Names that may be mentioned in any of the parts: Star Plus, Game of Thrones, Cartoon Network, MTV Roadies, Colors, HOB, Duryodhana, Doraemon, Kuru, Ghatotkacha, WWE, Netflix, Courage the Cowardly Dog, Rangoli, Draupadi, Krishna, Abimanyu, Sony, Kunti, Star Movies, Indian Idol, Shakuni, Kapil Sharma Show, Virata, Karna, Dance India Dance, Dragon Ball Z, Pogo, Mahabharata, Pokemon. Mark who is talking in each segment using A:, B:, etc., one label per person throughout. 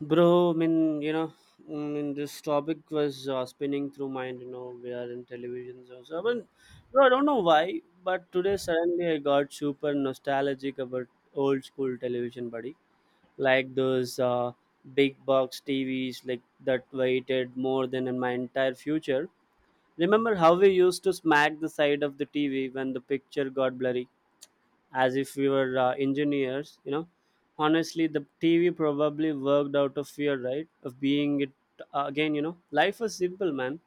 A: Bro, I mean, you know, mm, I mean, This topic was spinning through mind. You know, we are in television, so I don't know why, but today suddenly I got super nostalgic about old school television, buddy. Like those big box TVs, like that waited more than in my entire future. Remember how we used to smack the side of the TV when the picture got blurry? As if we were engineers, you know. Honestly, the TV probably worked out of fear, right, of being it again, you know. Life was simple, man.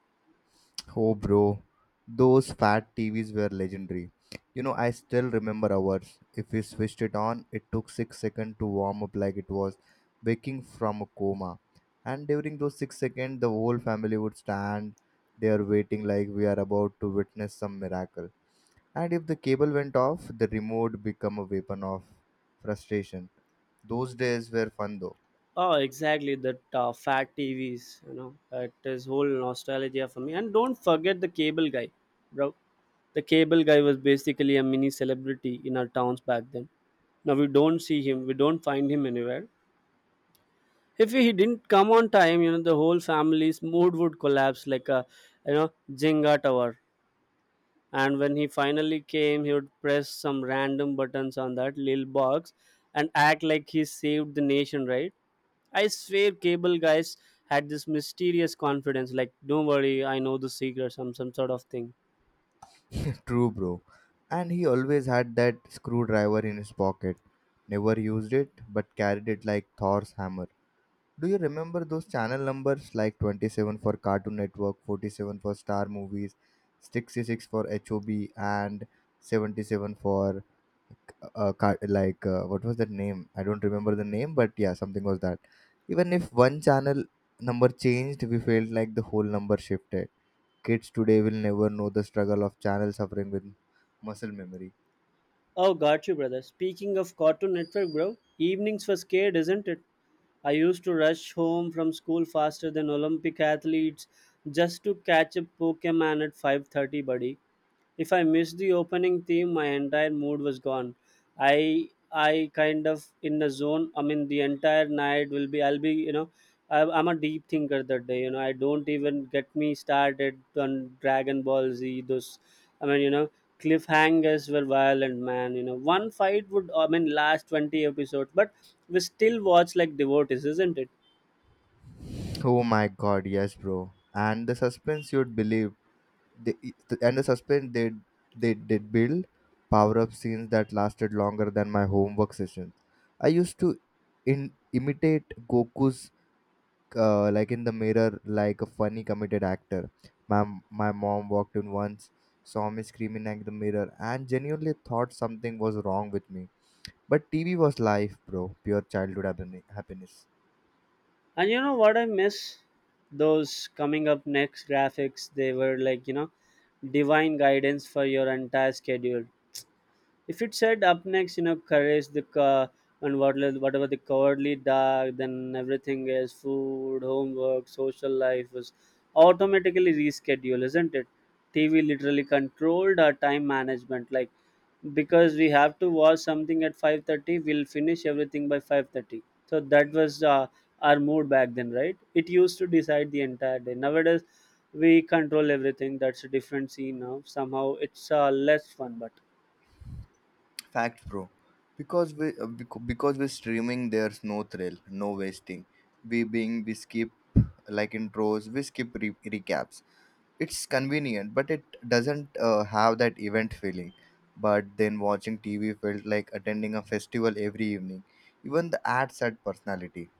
B: Oh, bro, those fat TVs were legendary. You know, I still remember ours. If we switched it on, it took 6 seconds to warm up like it was waking from a coma. And during those 6 seconds, the whole family would stand there waiting like we are about to witness some miracle. And if the cable went off, the remote became a weapon of frustration. Those days were fun though.
A: Oh, exactly, that fat TVs, you know, it is whole nostalgia for me. And don't forget the cable guy, bro. The cable guy was basically a mini celebrity in our towns back then. Now we don't see him, we don't find him anywhere. If he didn't come on time, you know, the whole family's mood would collapse like a, you know, Jenga tower. And when he finally came, he would press some random buttons on that little box and act like he saved the nation, right? I swear, cable guys had this mysterious confidence, like, don't worry, I know the secret, some sort of thing.
B: True, bro. And he always had that screwdriver in his pocket. Never used it, but carried it like Thor's hammer. Do you remember those channel numbers like 27 for Cartoon Network, 47 for Star Movies, 66 for HOB, and 77 for like what was that name? I don't remember the name, but yeah, something was that. Even if one channel number changed, we felt like the whole number shifted. Kids today will never know the struggle of channel suffering with muscle memory.
A: Oh, got you, brother. Speaking of Cartoon Network, bro, evenings were scared isn't it? I used to rush home from school faster than Olympic athletes just to catch a Pokemon at 5:30, buddy. If I missed the opening theme, my entire mood was gone. I kind of in the zone. I mean, the entire night will be. I'll be, you know, I'm a deep thinker that day. You know, I don't even get me started on Dragon Ball Z. Those, I mean, you know, cliffhangers were violent, man. You know, one fight would I mean last 20 episodes, but we still watch like devotees, isn't it?
B: Oh my god, yes, bro. And the suspense, you'd believe, they, and the suspense they did build power up scenes that lasted longer than my homework sessions. I used to imitate Goku's, like in the mirror like a funny committed actor. My mom walked in once, saw me screaming at the mirror, and genuinely thought something was wrong with me. But TV was life, bro. Pure childhood happiness.
A: And you know what I miss? Those coming up next graphics, they were like, you know, divine guidance for your entire schedule. If it said up next, you know, and whatever the cowardly dog, then everything is food, homework, social life was automatically rescheduled, isn't it? TV literally controlled our time management. Like, because we have to watch something at 5:30, we'll finish everything by 5:30. So that was our mood back then, right? It used to decide the entire day. Nowadays we control everything, that's a different scene now. Somehow it's less fun, but
B: Fact, bro. Because because we're streaming, there's no thrill, no wasting. We skip like intros, we skip recaps. It's convenient, but it doesn't have that event feeling. But then watching TV felt like attending a festival every evening. Even the ads had personality.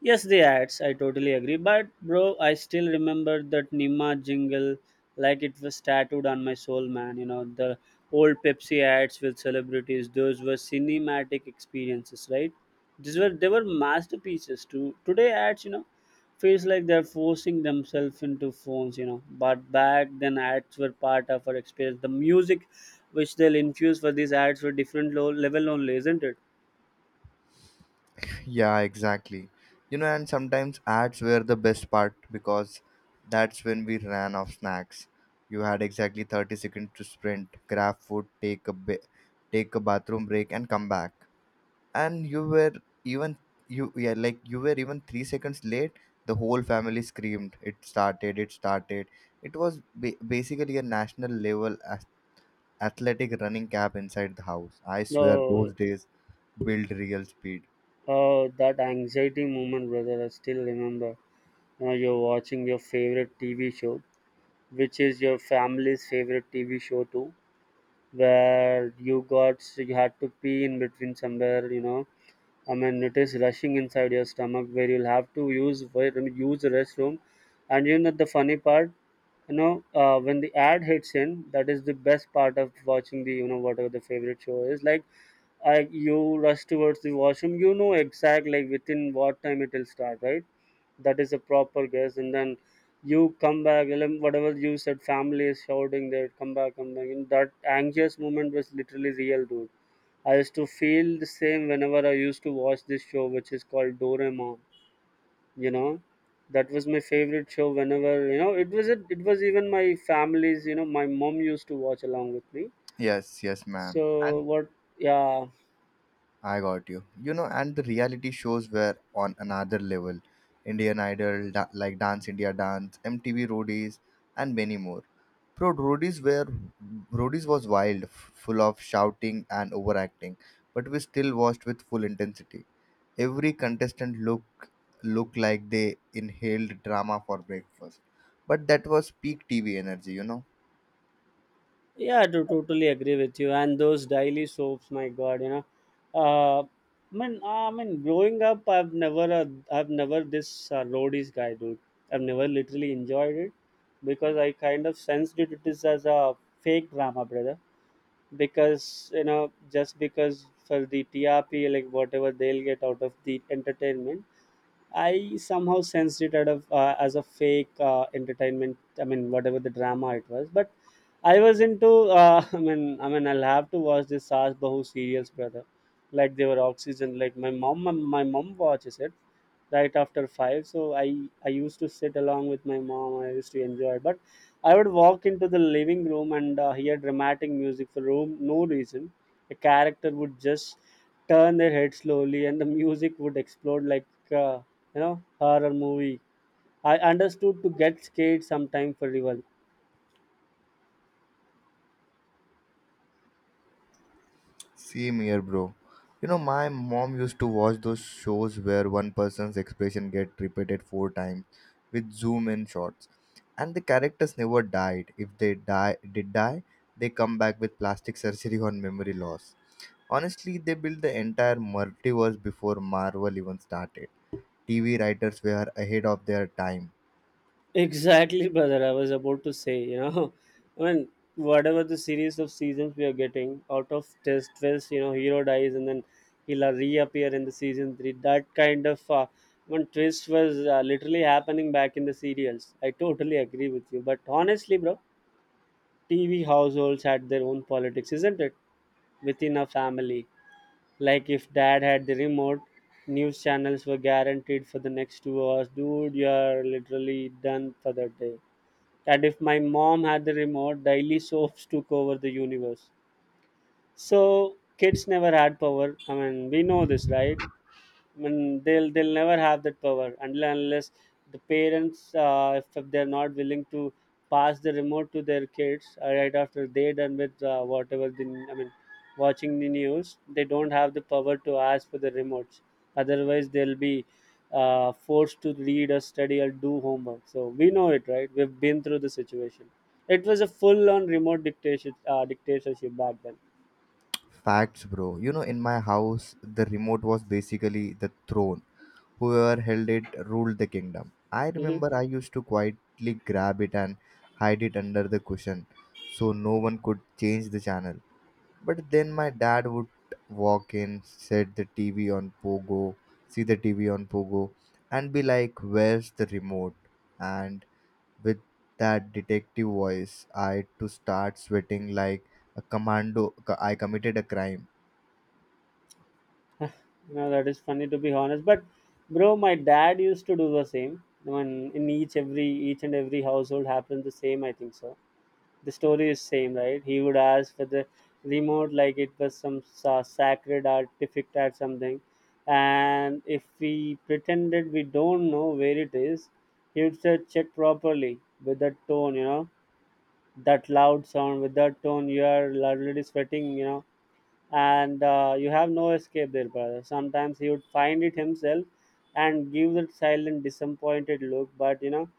A: yes, the ads, I totally agree. But bro, I still remember that Nima jingle like it was tattooed on my soul, man. You know, the old Pepsi ads with celebrities, those were cinematic experiences, right? These were they were masterpieces too. Today ads, you know, feels like they're forcing themselves into phones, you know. But back then ads were part of our experience. The music which they'll infuse for these ads were different low level only, isn't it?
B: Yeah, exactly. You know, and sometimes ads were the best part because that's when we ran off snacks. You had exactly 30 seconds to sprint, grab food, take a bathroom break and come back. And you were even you yeah, Like you were even 3 seconds late, the whole family screamed, it started, it started. It was basically a national level athletic running cap inside the house. I swear those
A: No.
B: days build real speed.
A: That anxiety moment, brother, I still remember. Now you're watching your favorite TV show, which is your family's favorite TV show too, where you had to pee in between somewhere, you know, I mean, it is rushing inside your stomach where you'll have to use, where I mean, use the restroom. And you know the funny part, you know, when the ad hits in, that is the best part of watching the, you know, whatever the favorite show is. Like, I you rush towards the washroom, you know exact like within what time it will start, right? That is a proper guess, and then you come back. And whatever you said, family is shouting there, come back, come back. And that anxious moment was literally real, dude. I used to feel the same whenever I used to watch this show, which is called Doraemon. You know, that was my favorite show. Whenever you know, it was even my family's. You know, my mom used to watch along with me.
B: Yes, yes, ma'am.
A: So
B: And
A: what? Yeah,
B: I got you. You know, and the reality shows were on another level. Indian Idol, like Dance India Dance, MTV Roadies, and many more. Bro, Roadies was wild, full of shouting and overacting, but we still watched with full intensity. Every contestant looked like they inhaled drama for breakfast. But that was peak TV energy, you know.
A: yeah, I do totally agree with you. And those daily soaps, my God, you know, uh, I growing up, I've never this roadies guy, dude. I've never literally enjoyed it because I kind of sensed it, it is as a fake drama, brother. Because, you know, just because for the TRP, like whatever they'll get out of the entertainment, I somehow sensed it out of as a fake entertainment. I mean, whatever the drama it was, but I was into. I mean, I'll have to watch this Sas Bahu serials, brother. Like they were oxygen. Like my mom watches it right after five. So I used to sit along with my mom. I used to enjoy it, but I would walk into the living room and hear dramatic music for room no reason. A character would just turn their head slowly, and the music would explode like. Uh, you know, horror movie, I understood to get scared sometime for real.
B: Same here, bro. You know, my mom used to watch those shows where one person's expression get repeated four times with zoom in shots. And the characters never died. If they die, they come back with plastic surgery on memory loss. Honestly, they built the entire multiverse before Marvel even started. TV writers were ahead of their time.
A: Exactly, brother, I was about to say, you know. I mean, whatever the series of seasons we are getting out of test twist, you know, hero dies and then he'll reappear in the season 3, that kind of one twist was literally happening back in the serials. I totally agree with you, but honestly, bro, TV households had their own politics, isn't it, within a family. Like if dad had the remote, news channels were guaranteed for the next 2 hours. Dude, you're literally done for the day. And if my mom had the remote, daily soaps took over the universe. So kids never had power. I mean, we know this, right? I mean, they'll never have that power until and unless the parents, if they're not willing to pass the remote to their kids right after they done with whatever the, I mean, watching the news, they don't have the power to ask for the remotes. Otherwise, they'll be forced to read or study or do homework. So we know it, right? We've been through the situation. It was a full-on remote dictatorship, dictatorship back then.
B: Facts, bro. You know, in my house, the remote was basically the throne. Whoever held it ruled the kingdom. I
A: Hmm.
B: remember I used to quietly grab it and hide it under the cushion so no one could change the channel. But then my dad would walk in, set the TV on Pogo, see the TV on Pogo, and be like, Where's the remote? And with that detective voice, I had to start sweating like a commando. I committed a crime.
A: No, that is funny, to be honest. But bro, my dad used to do the same. When in each every each and every household happened the same, I think so. The story is same, right? He would ask for the remote like it was some sacred artifact or something, and if we pretended we don't know where it is, he would say check properly with that tone, you know, that loud sound with that tone. You are already sweating, you know, and you have no escape there, brother. Sometimes he would find it himself and give that silent disappointed look, but you know,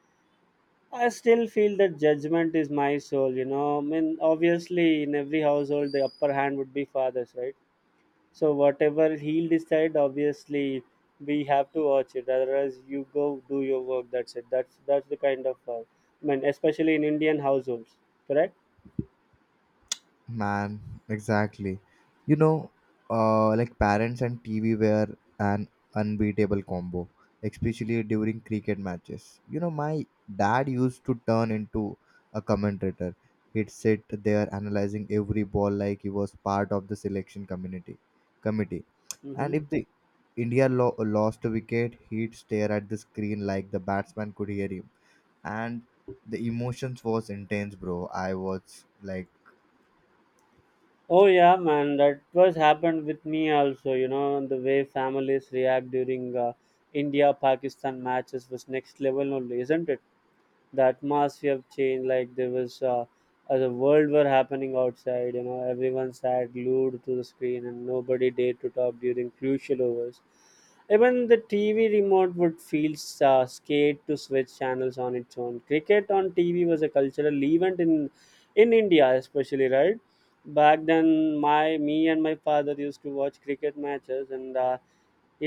A: I still feel that judgment is my soul, you know. I mean, obviously in every household the upper hand would be father's, right? So whatever he'll decide, obviously we have to watch it, otherwise you go do your work, that's it. That's the kind of, I mean, especially in Indian households, correct.
B: Man, exactly. You know, like parents and TV were an unbeatable combo, especially during cricket matches. You know, my dad used to turn into a commentator. He'd sit there analyzing every ball like he was part of the selection community committee. And
A: Mhm.
B: if the India lost a wicket, he'd stare at the screen like the batsman could hear him. And the emotions was intense, bro. I was like,
A: Oh yeah, man, that was happened with me also. You know, the way families react during India-Pakistan matches was next level only, isn't it? The atmosphere changed like there was the world were happening outside, you know. Everyone sat glued to the screen and nobody dared to talk during crucial overs. Even the TV remote would feel scared to switch channels on its own. Cricket on TV was a cultural event in India especially, right, back then. My me and my father used to watch cricket matches, and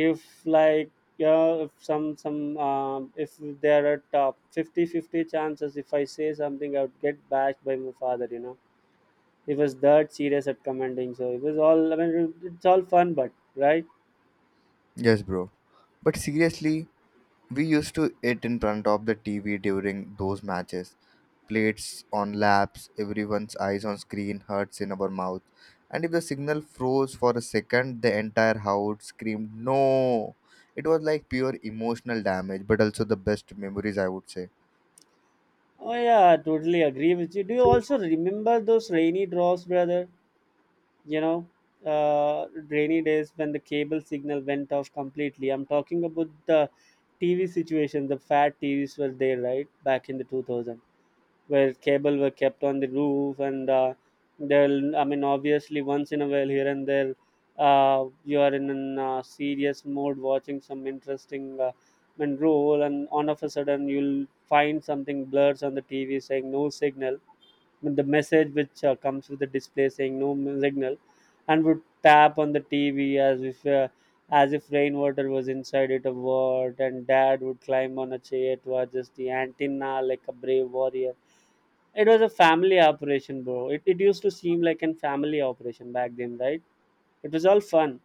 A: if like, yeah, if some some if there are top 50-50 chances, if I say something, I would get bashed by my father, you know. He was that serious at commenting, so it was all, I mean, it's all fun, but right.
B: Yes, bro. But seriously, we used to eat in front of the TV during those matches. Plates on laps, everyone's eyes on screen, hurts in our mouth. And if the signal froze for a second, the entire house screamed, No! It was like pure emotional damage, but also the best memories, I would say.
A: Oh yeah, I totally agree with you. Do you also remember those rainy draws, brother? You know, rainy days when the cable signal went off completely. I'm talking about the TV situation. The fat TVs were there, right, back in the 2000, where cable were kept on the roof, and they'll, I mean obviously, once in a while here and there, you are in a serious mode watching some interesting I mean, role, and on of a sudden you'll find something blurs on the TV saying no signal. I mean, the message which comes with the display saying no signal, and would tap on the TV as if rainwater was inside it a word, and dad would climb on a chair to adjust the antenna like a brave warrior. It was a family operation, bro. It used to seem like a family operation back then, right? It was all fun.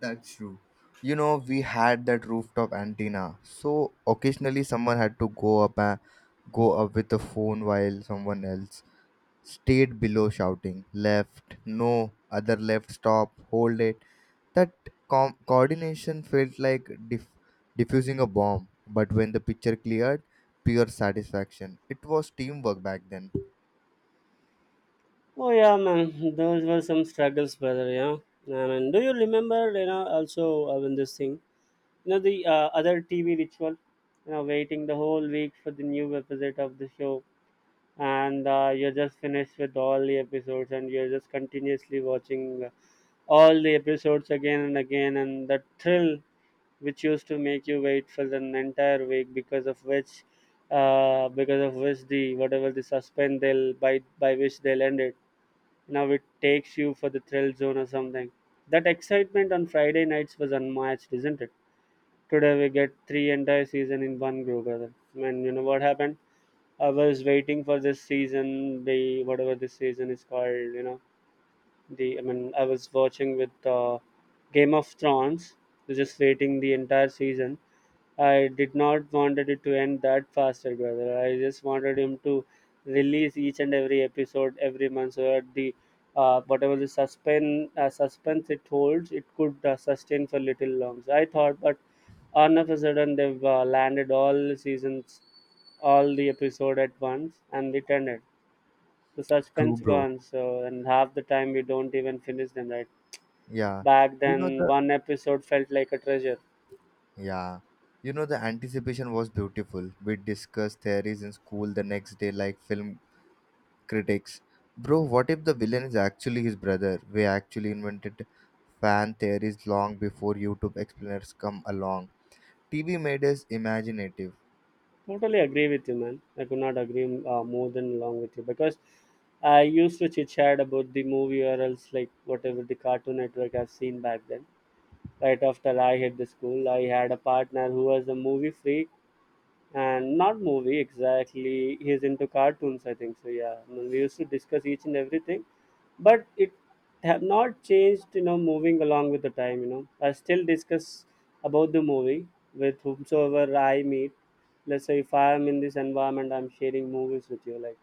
B: That's true. You know, we had that rooftop antenna. So occasionally someone had to go up with the phone while someone else stayed below shouting, Left, no, other left, stop, hold it. That coordination felt like diffusing a bomb. But when the picture cleared, pure satisfaction. It was teamwork back then.
A: Oh yeah, man. Those were some struggles, brother. Yeah. I mean, do you remember? You know, also when this thing, you know, the other TV ritual, you know, waiting the whole week for the new episode of the show, and you're just finished with all the episodes, and you're just continuously watching all the episodes again and again, and the thrill which used to make you wait for an entire week because of which the whatever the suspense they'll by which they'll end it, now it takes you for the thrill zone or something. That excitement on Friday nights was unmatched, isn't it? Today we get three entire season in one go, brother. And you know what happened? I was waiting for this season, the whatever this season is called, you know, the I mean I was watching with Game of Thrones. I was just waiting the entire season. I did not wanted it to end that faster, brother. I just wanted him to release each and every episode every month, so that the whatever the suspense it holds, it could sustain for little long. So I thought, but all of a sudden they've landed all the seasons, all the episode at once, and it ended. The
B: True,
A: suspense
B: bro.
A: gone. So and half the time we don't even finish them, right?
B: Yeah.
A: Back
B: You know
A: then,
B: the
A: one episode felt like a treasure.
B: Yeah. You know the anticipation was beautiful. We discussed theories in school the next day like film critics. Bro, what if the villain is actually his brother? We actually invented fan theories long before YouTube explainers come along. TV made us imaginative.
A: Totally agree with you, man. I could not agree more than along with you, because I used to chit chat about the movie or else like whatever the Cartoon Network I've seen back then. Right after I hit the school, I had a partner who was a movie freak, and not movie exactly, he's into cartoons, I think. So yeah, I mean, we used to discuss each and everything, but it have not changed, you know, moving along with the time, you know, I still discuss about the movie with whomsoever I meet. Let's say if I am in this environment, I'm sharing movies with you, like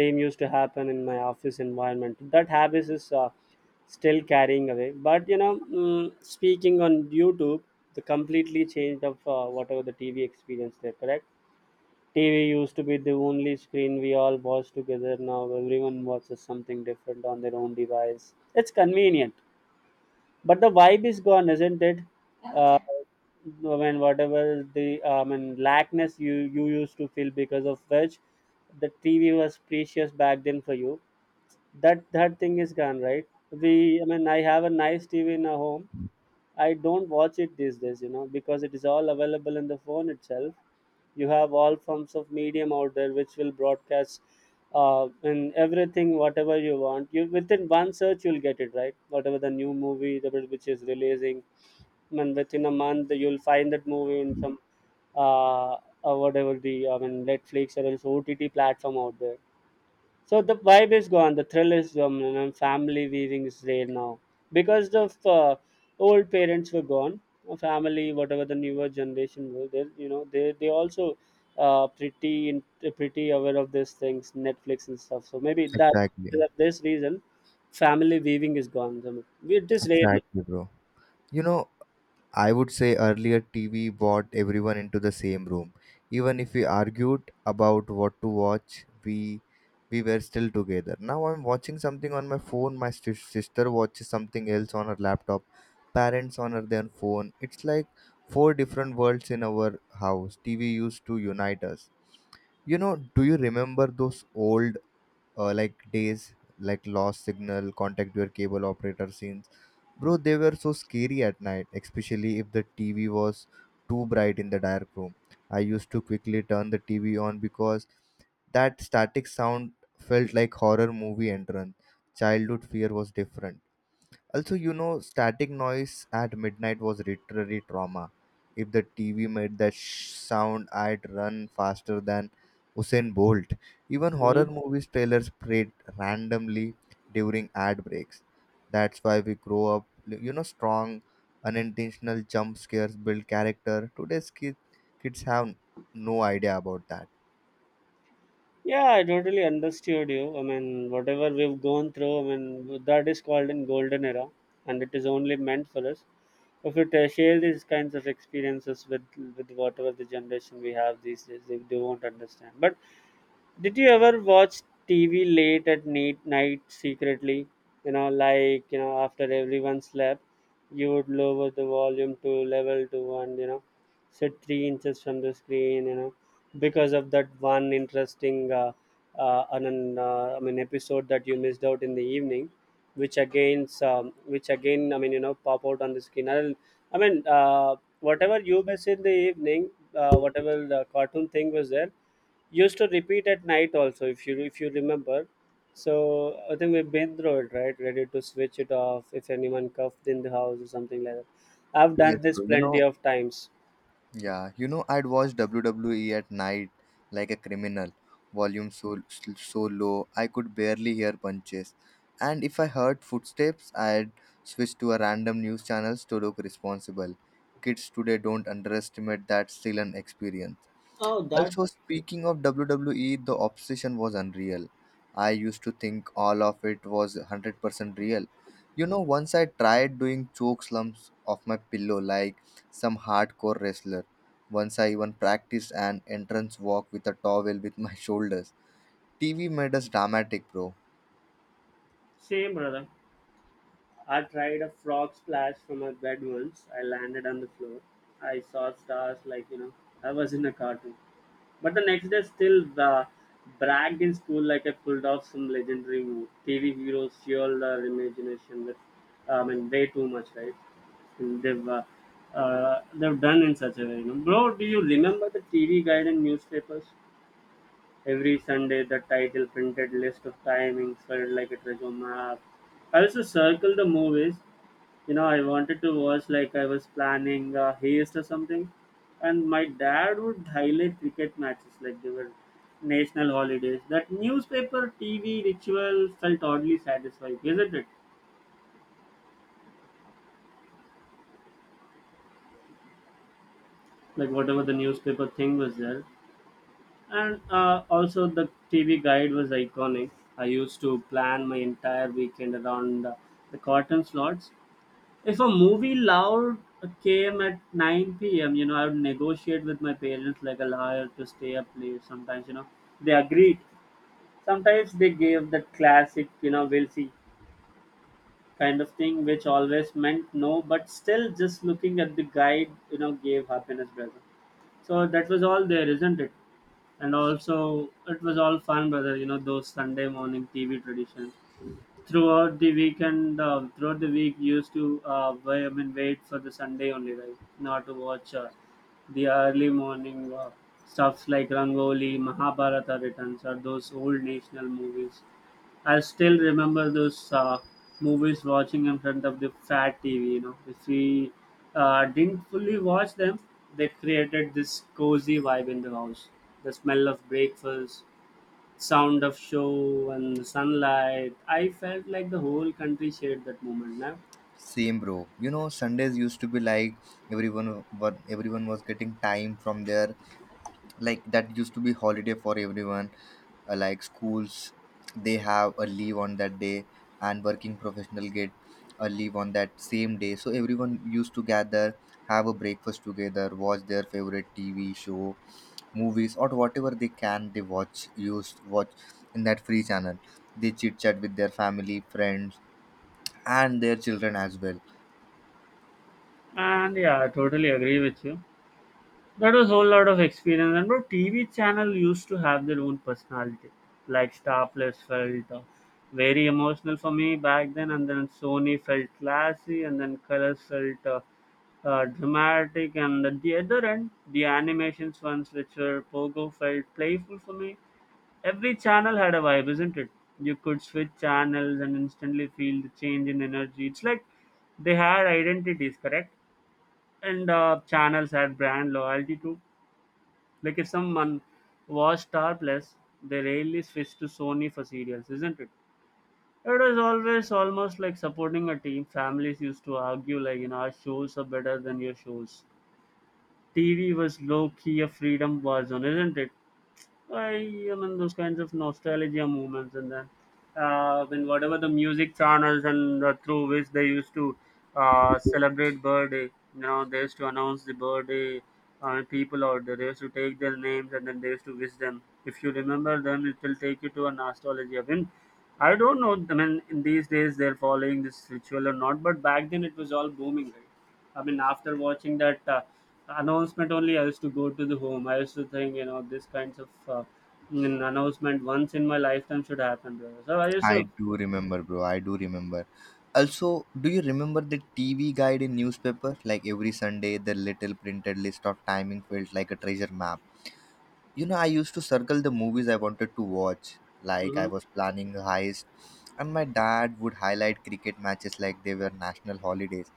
A: same used to happen in my office environment. That habit is still carrying away, but you know, speaking on YouTube, the completely changed of whatever the TV experience there, correct? TV used to be the only screen we all watched together. Now everyone watches something different on their own device. It's convenient, but the vibe is gone, isn't it? Uh, I mean, whatever the I mean lackness you used to feel because of which the TV was precious back then for you. That thing is gone, right? We I mean I have a nice TV in a home, I don't watch it these days, you know, because it is all available in the phone itself. You have all forms of medium out there which will broadcast in everything, whatever you want. You within one search you'll get it, right? Whatever the new movie the which is releasing, and within a month you'll find that movie in some uh, whatever the I mean Netflix or else OTT platform out there. So the vibe is gone, the thrill is gone, and then family weaving is there now because the old parents were gone. Family, whatever the newer generation were, they you know they also pretty in, pretty aware of these things, Netflix and stuff. So maybe that
B: Exactly.
A: because of this reason, family weaving is gone. So, it is rare now.
B: Exactly, bro. You know, I would say earlier TV brought everyone into the same room. Even if we argued about what to watch, we were still together. Now I'm watching something on my phone. My sister watches something else on her laptop. Parents on her their phone. It's like four different worlds in our house. TV used to unite us. You know, do you remember those old, like days, like lost signal, contact your cable operator scenes? Bro, they were so scary at night, especially if the TV was too bright in the dark room. I used to quickly turn the TV on because that static sound felt like horror movie entrance. Childhood fear was different. Also, you know, static noise at midnight was literally trauma. If the TV made that sound, I'd run faster than Usain Bolt. Even horror
A: Hmm.
B: movies trailers played randomly during ad breaks. That's why we grow up, you know, strong, unintentional jump scares build character. Today's kids have no idea about that.
A: Yeah, I totally understood you. I mean, whatever we've gone through, I mean, that is called in golden era, and it is only meant for us. If you share these kinds of experiences with whatever the generation we have these days, they won't understand. But did you ever watch TV late at night, secretly? You know, like you know, after everyone slept, you would lower the volume to level to one. You know, sit 3 inches from the screen. You know, because of that one interesting, I mean, episode that you missed out in the evening, which again, I mean, you know, pop out on the screen. I'll, I mean, whatever you miss in the evening, whatever the cartoon thing was there used to repeat at night also, if you remember. So I think we've been through it, right? Ready to switch it off if anyone cuffed in the house or something like that. I've
B: Yes,
A: done this
B: bro. You
A: plenty
B: know,
A: of times.
B: yeah, you know, I'd watch WWE at night like a criminal, volume so, so low I could barely hear punches. And if I heard footsteps, I'd switch to a random news channels to look responsible. Kids today don't underestimate that still an experience.
A: Oh, that
B: Also, speaking of WWE, the obsession was unreal. I used to think all of it was 100% real. You know, once I tried doing choke slumps off my pillow like some hardcore wrestler. Once I even practiced an entrance walk with a towel with my shoulders. TV made us dramatic, bro.
A: same brother. I tried a frog splash from my bed. Once I landed on the floor, I saw stars, like, you know, I was in a cartoon. But the next day, still bragged in school like I pulled off some legendary move. TV heroes, fueled our imagination with, and way too much, right? And they've done in such a way, you know. Bro, do you remember the TV guide and newspapers? Every Sunday, the title printed list of timings felt like a treasure map. I used to circle the movies, you know, I wanted to watch like I was planning a haste or something. And my dad would highlight cricket matches like they were national holidays. That newspaper TV ritual felt oddly satisfying, isn't it? Like whatever the newspaper thing was there, and also the TV guide was iconic. I used to plan my entire weekend around the cotton slots. If a movie loud came at 9 p.m., you know, I would negotiate with my parents like a lawyer to stay up late. Sometimes, you know, they agreed. Sometimes they gave the classic, you know, we'll see kind of thing, which always meant no, but still just looking at the guide, you know, gave happiness, brother. So that was all there, isn't it? And also, it was all fun, brother, you know, those Sunday morning TV traditions. Throughout the weekend, throughout the week, used to wait, I mean wait for the Sunday only, right? Not to watch the early morning stuffs like Rangoli, Mahabharata returns, or those old national movies. I still remember those movies watching in front of the fat TV. You know, if we didn't fully watch them, they created this cozy vibe in the house. The smell of breakfast, sound of show and sunlight. I felt like the whole country shared that moment now.
B: Same, bro. You know, Sundays used to be like everyone, everyone was getting time from their, like that used to be holiday for everyone. Like schools, they have a leave on that day, and working professional get a leave on that same day. So everyone used to gather, have a breakfast together, watch their favorite TV show, movies, or whatever they can they watch used watch in that free channel. They chit chat with their family, friends, and their children as well.
A: And yeah, I totally agree with you. That was whole lot of experience. And bro, TV channel used to have their own personality. Like Star Plus felt very emotional for me back then, and then Sony felt classy, and then Colors felt dramatic, and at the other end, the animations ones which were Pogo felt playful for me. Every channel had a vibe, isn't it? You could switch channels and instantly feel the change in energy. It's like they had identities, correct? And channels had brand loyalty too. Like if someone was Star Plus, they rarely switched to Sony for serials, isn't it? It was always almost like supporting a team. Families used to argue like, you know, our shows are better than your shows. TV was low key a freedom war zone, isn't it? I am in those kinds of nostalgia moments, and then whatever the music channels and through which they used to celebrate birthday, you know, they used to announce the birthday people out there. They used to take their names and then they used to wish them. If you remember them, it will take you to a nostalgia. I mean, I don't know. I mean, in these days they're following this ritual or not, but back then it was all booming, right? I mean, after watching that. Announcement only I used to go to the home. I used to think, you know, this kinds of an announcement once in my lifetime should happen, brother. So I used
B: I
A: to.
B: do remember, bro. I do remember. Also, do you remember the TV guide in newspaper? Like every Sunday, the little printed list of timing felt like a treasure map. You know, I used to circle the movies I wanted to watch, like I
A: Hmm.
B: was planning a heist, and my dad would highlight cricket matches like they were national holidays.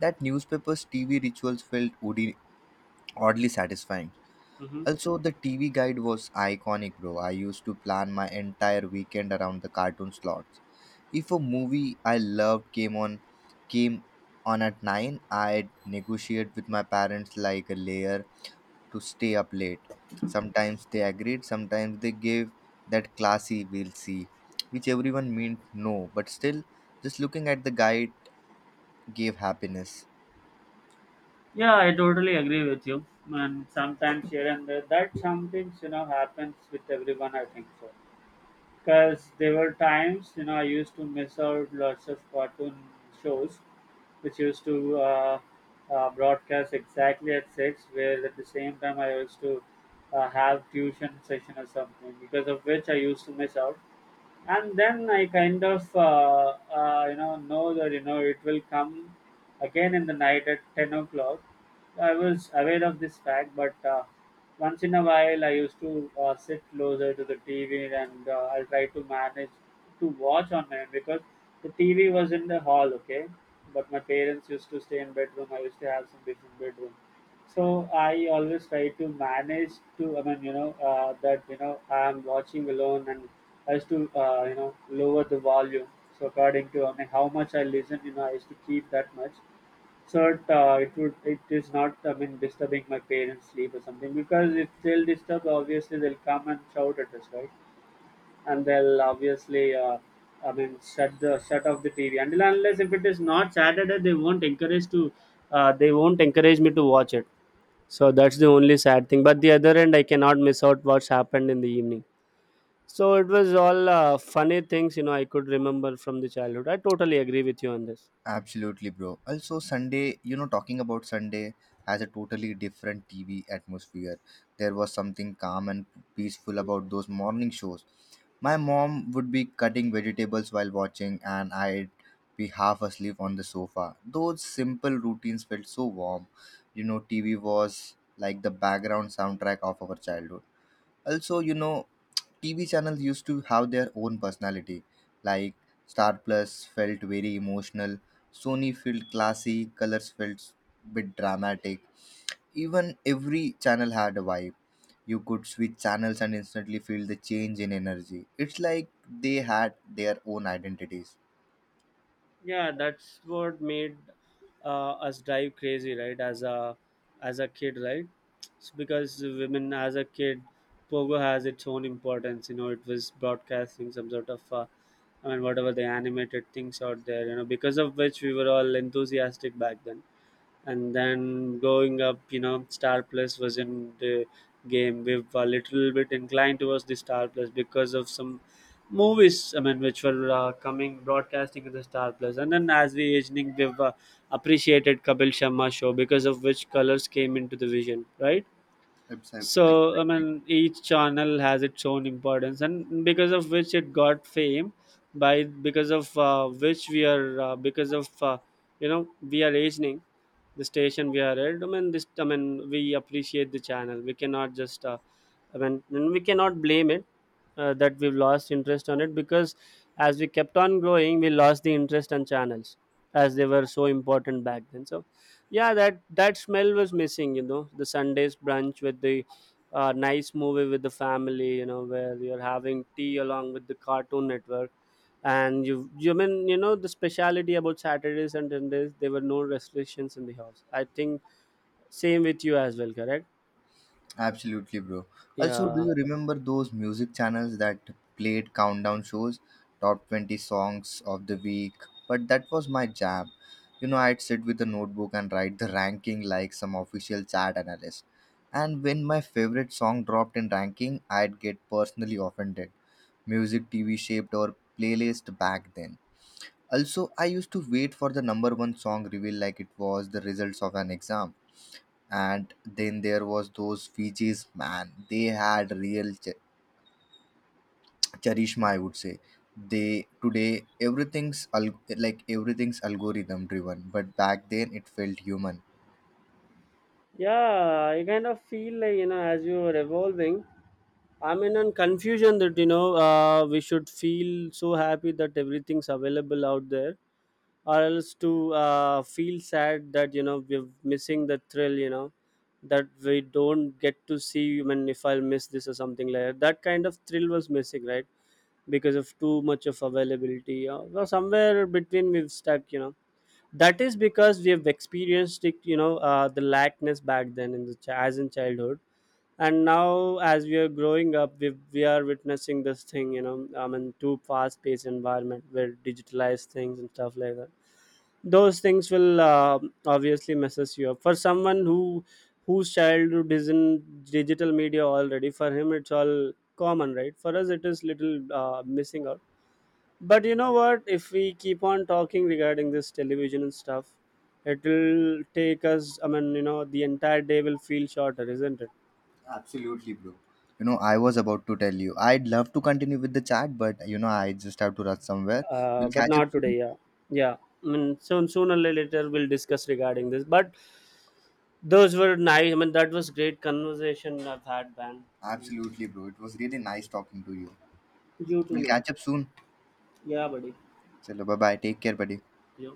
B: That newspaper's TV rituals felt oddly satisfying.
A: Hmm.
B: Also, the TV guide was iconic, bro. I used to plan my entire weekend around the cartoon slots. If a movie I loved came on at 9, I'd negotiate with my parents like a layer to stay up late. Sometimes they agreed, sometimes they gave that classy we'll see, which everyone meant no, but still just looking at the guide gave happiness.
A: Yeah, I totally agree with you. And sometimes here and there, that something, you know, happens with everyone, I think so. Because there were times, you know, I used to miss out lots of cartoon shows which used to broadcast exactly at six, where at the same time I used to have tuition session or something, because of which I used to miss out, and then I kind of you know that you know it will come again in the night at 10 o'clock. I was aware of this fact, but once in a while I used to sit closer to the TV and I'll try to manage to watch on my own because the TV was in the hall, okay. But my parents used to stay in bedroom. I used to have some different bedroom. So I always try to manage to, I'm watching alone, and I used to, lower the volume. So according to, how much I listen, I used to keep that much. So it is not, disturbing my parents' sleep or something, because if they'll disturb, obviously they'll come and shout at us, right? And they'll obviously, shut off the TV. Until and unless if it is not Saturday, they won't encourage to, they won't encourage me to watch it, so that's the only sad thing. But the other end, I cannot miss out what's happened in the evening. So it was all funny things, you know, I could remember from the childhood. I totally agree with you on this.
B: Absolutely, bro. Also, Sunday, you know, talking about Sunday has a totally different TV atmosphere. There was something calm and peaceful about those morning shows. My mom would be cutting vegetables while watching, and I'd be half asleep on the sofa. Those simple routines felt so warm. You know, TV was like the background soundtrack of our childhood. Also, you know, TV channels used to have their own personality. Like Star Plus felt very emotional, Sony felt classy, Colors felt a bit dramatic. Even every channel had a vibe. You could switch channels and instantly feel the change in energy. It's like they had their own identities.
A: Yeah, that's what made us drive crazy, right? As a kid, right? It's because women as a kid, Pogo has its own importance, you know. It was broadcasting some sort of, whatever the animated things out there, you know, because of which we were all enthusiastic back then. And then going up, you know, Star Plus was in the game. We were a little bit inclined towards the Star Plus because of some movies, which were coming broadcasting in the Star Plus. And then as we aging, we've appreciated Kapil Sharma show, because of which Colors came into the vision, right? So
B: Absolutely.
A: I mean, each channel has its own importance, and because of which it got fame by because of which we are because of we are aging the station we are at, I mean this I mean we appreciate the channel. We cannot just, i mean we cannot blame it that we've lost interest on it, because as we kept on growing, we lost the interest on channels as they were so important back then. So yeah, that smell was missing, you know, the Sundays brunch with the a nice movie with the family, you know, where you're having tea along with the Cartoon Network. And you mean you know the speciality about Saturdays and Sundays, there were no restrictions in the house, I think. Same with you as well, correct?
B: Absolutely, bro. Also, do
A: Yeah,
B: you remember those music channels that played countdown shows, top 20 songs of the week? But that was my jam. You know, I'd sit with a notebook and write the ranking like some official chart analyst. And when my favorite song dropped in ranking, I'd get personally offended. Music TV shaped our playlist back then. Also, I used to wait for the number one song reveal like it was the results of an exam. And then there was those Fijis, man, they had real charisma, I would say. They today like everything's algorithm driven, but back then it felt human.
A: yeah, I kind of feel like, you know, as you are evolving, I'm in a confusion that, you know, we should feel so happy that everything's available out there, or else to feel sad that, you know, we're missing the thrill, you know, that we don't get to see. I mean, if I'll miss this or something like that, that kind of thrill was missing, right? Because of too much of availability, well, somewhere between, we've stuck, you know, that is because we have experienced it, you know, the lackness back then in the as in childhood. And now as we are growing up, we are witnessing this thing, you know. I mean, too fast paced environment where digitalized things and stuff like that, those things will, obviously messes you up. For someone who whose childhood is in digital media already, for him it's all common, right? For us, it is little missing out. But you know what, if we keep on talking regarding this television and stuff, it will take us, you know, the entire day will feel shorter, isn't it?
B: Absolutely, bro. You know, I was about to tell you I'd love to continue with the chat, but you know, I just have to rush somewhere. We'll
A: But
B: catch up
A: not
B: soon.
A: today, yeah. Yeah, I mean, soon, sooner or later, we'll discuss regarding this. But those were nice, that was great conversation I've had, man.
B: Absolutely, bro, it was really nice talking to you.
A: जो तू
B: We'll
A: मांग
B: catch up soon.
A: यहाँ बड़ी
B: So bye bye, take care, buddy.
A: जो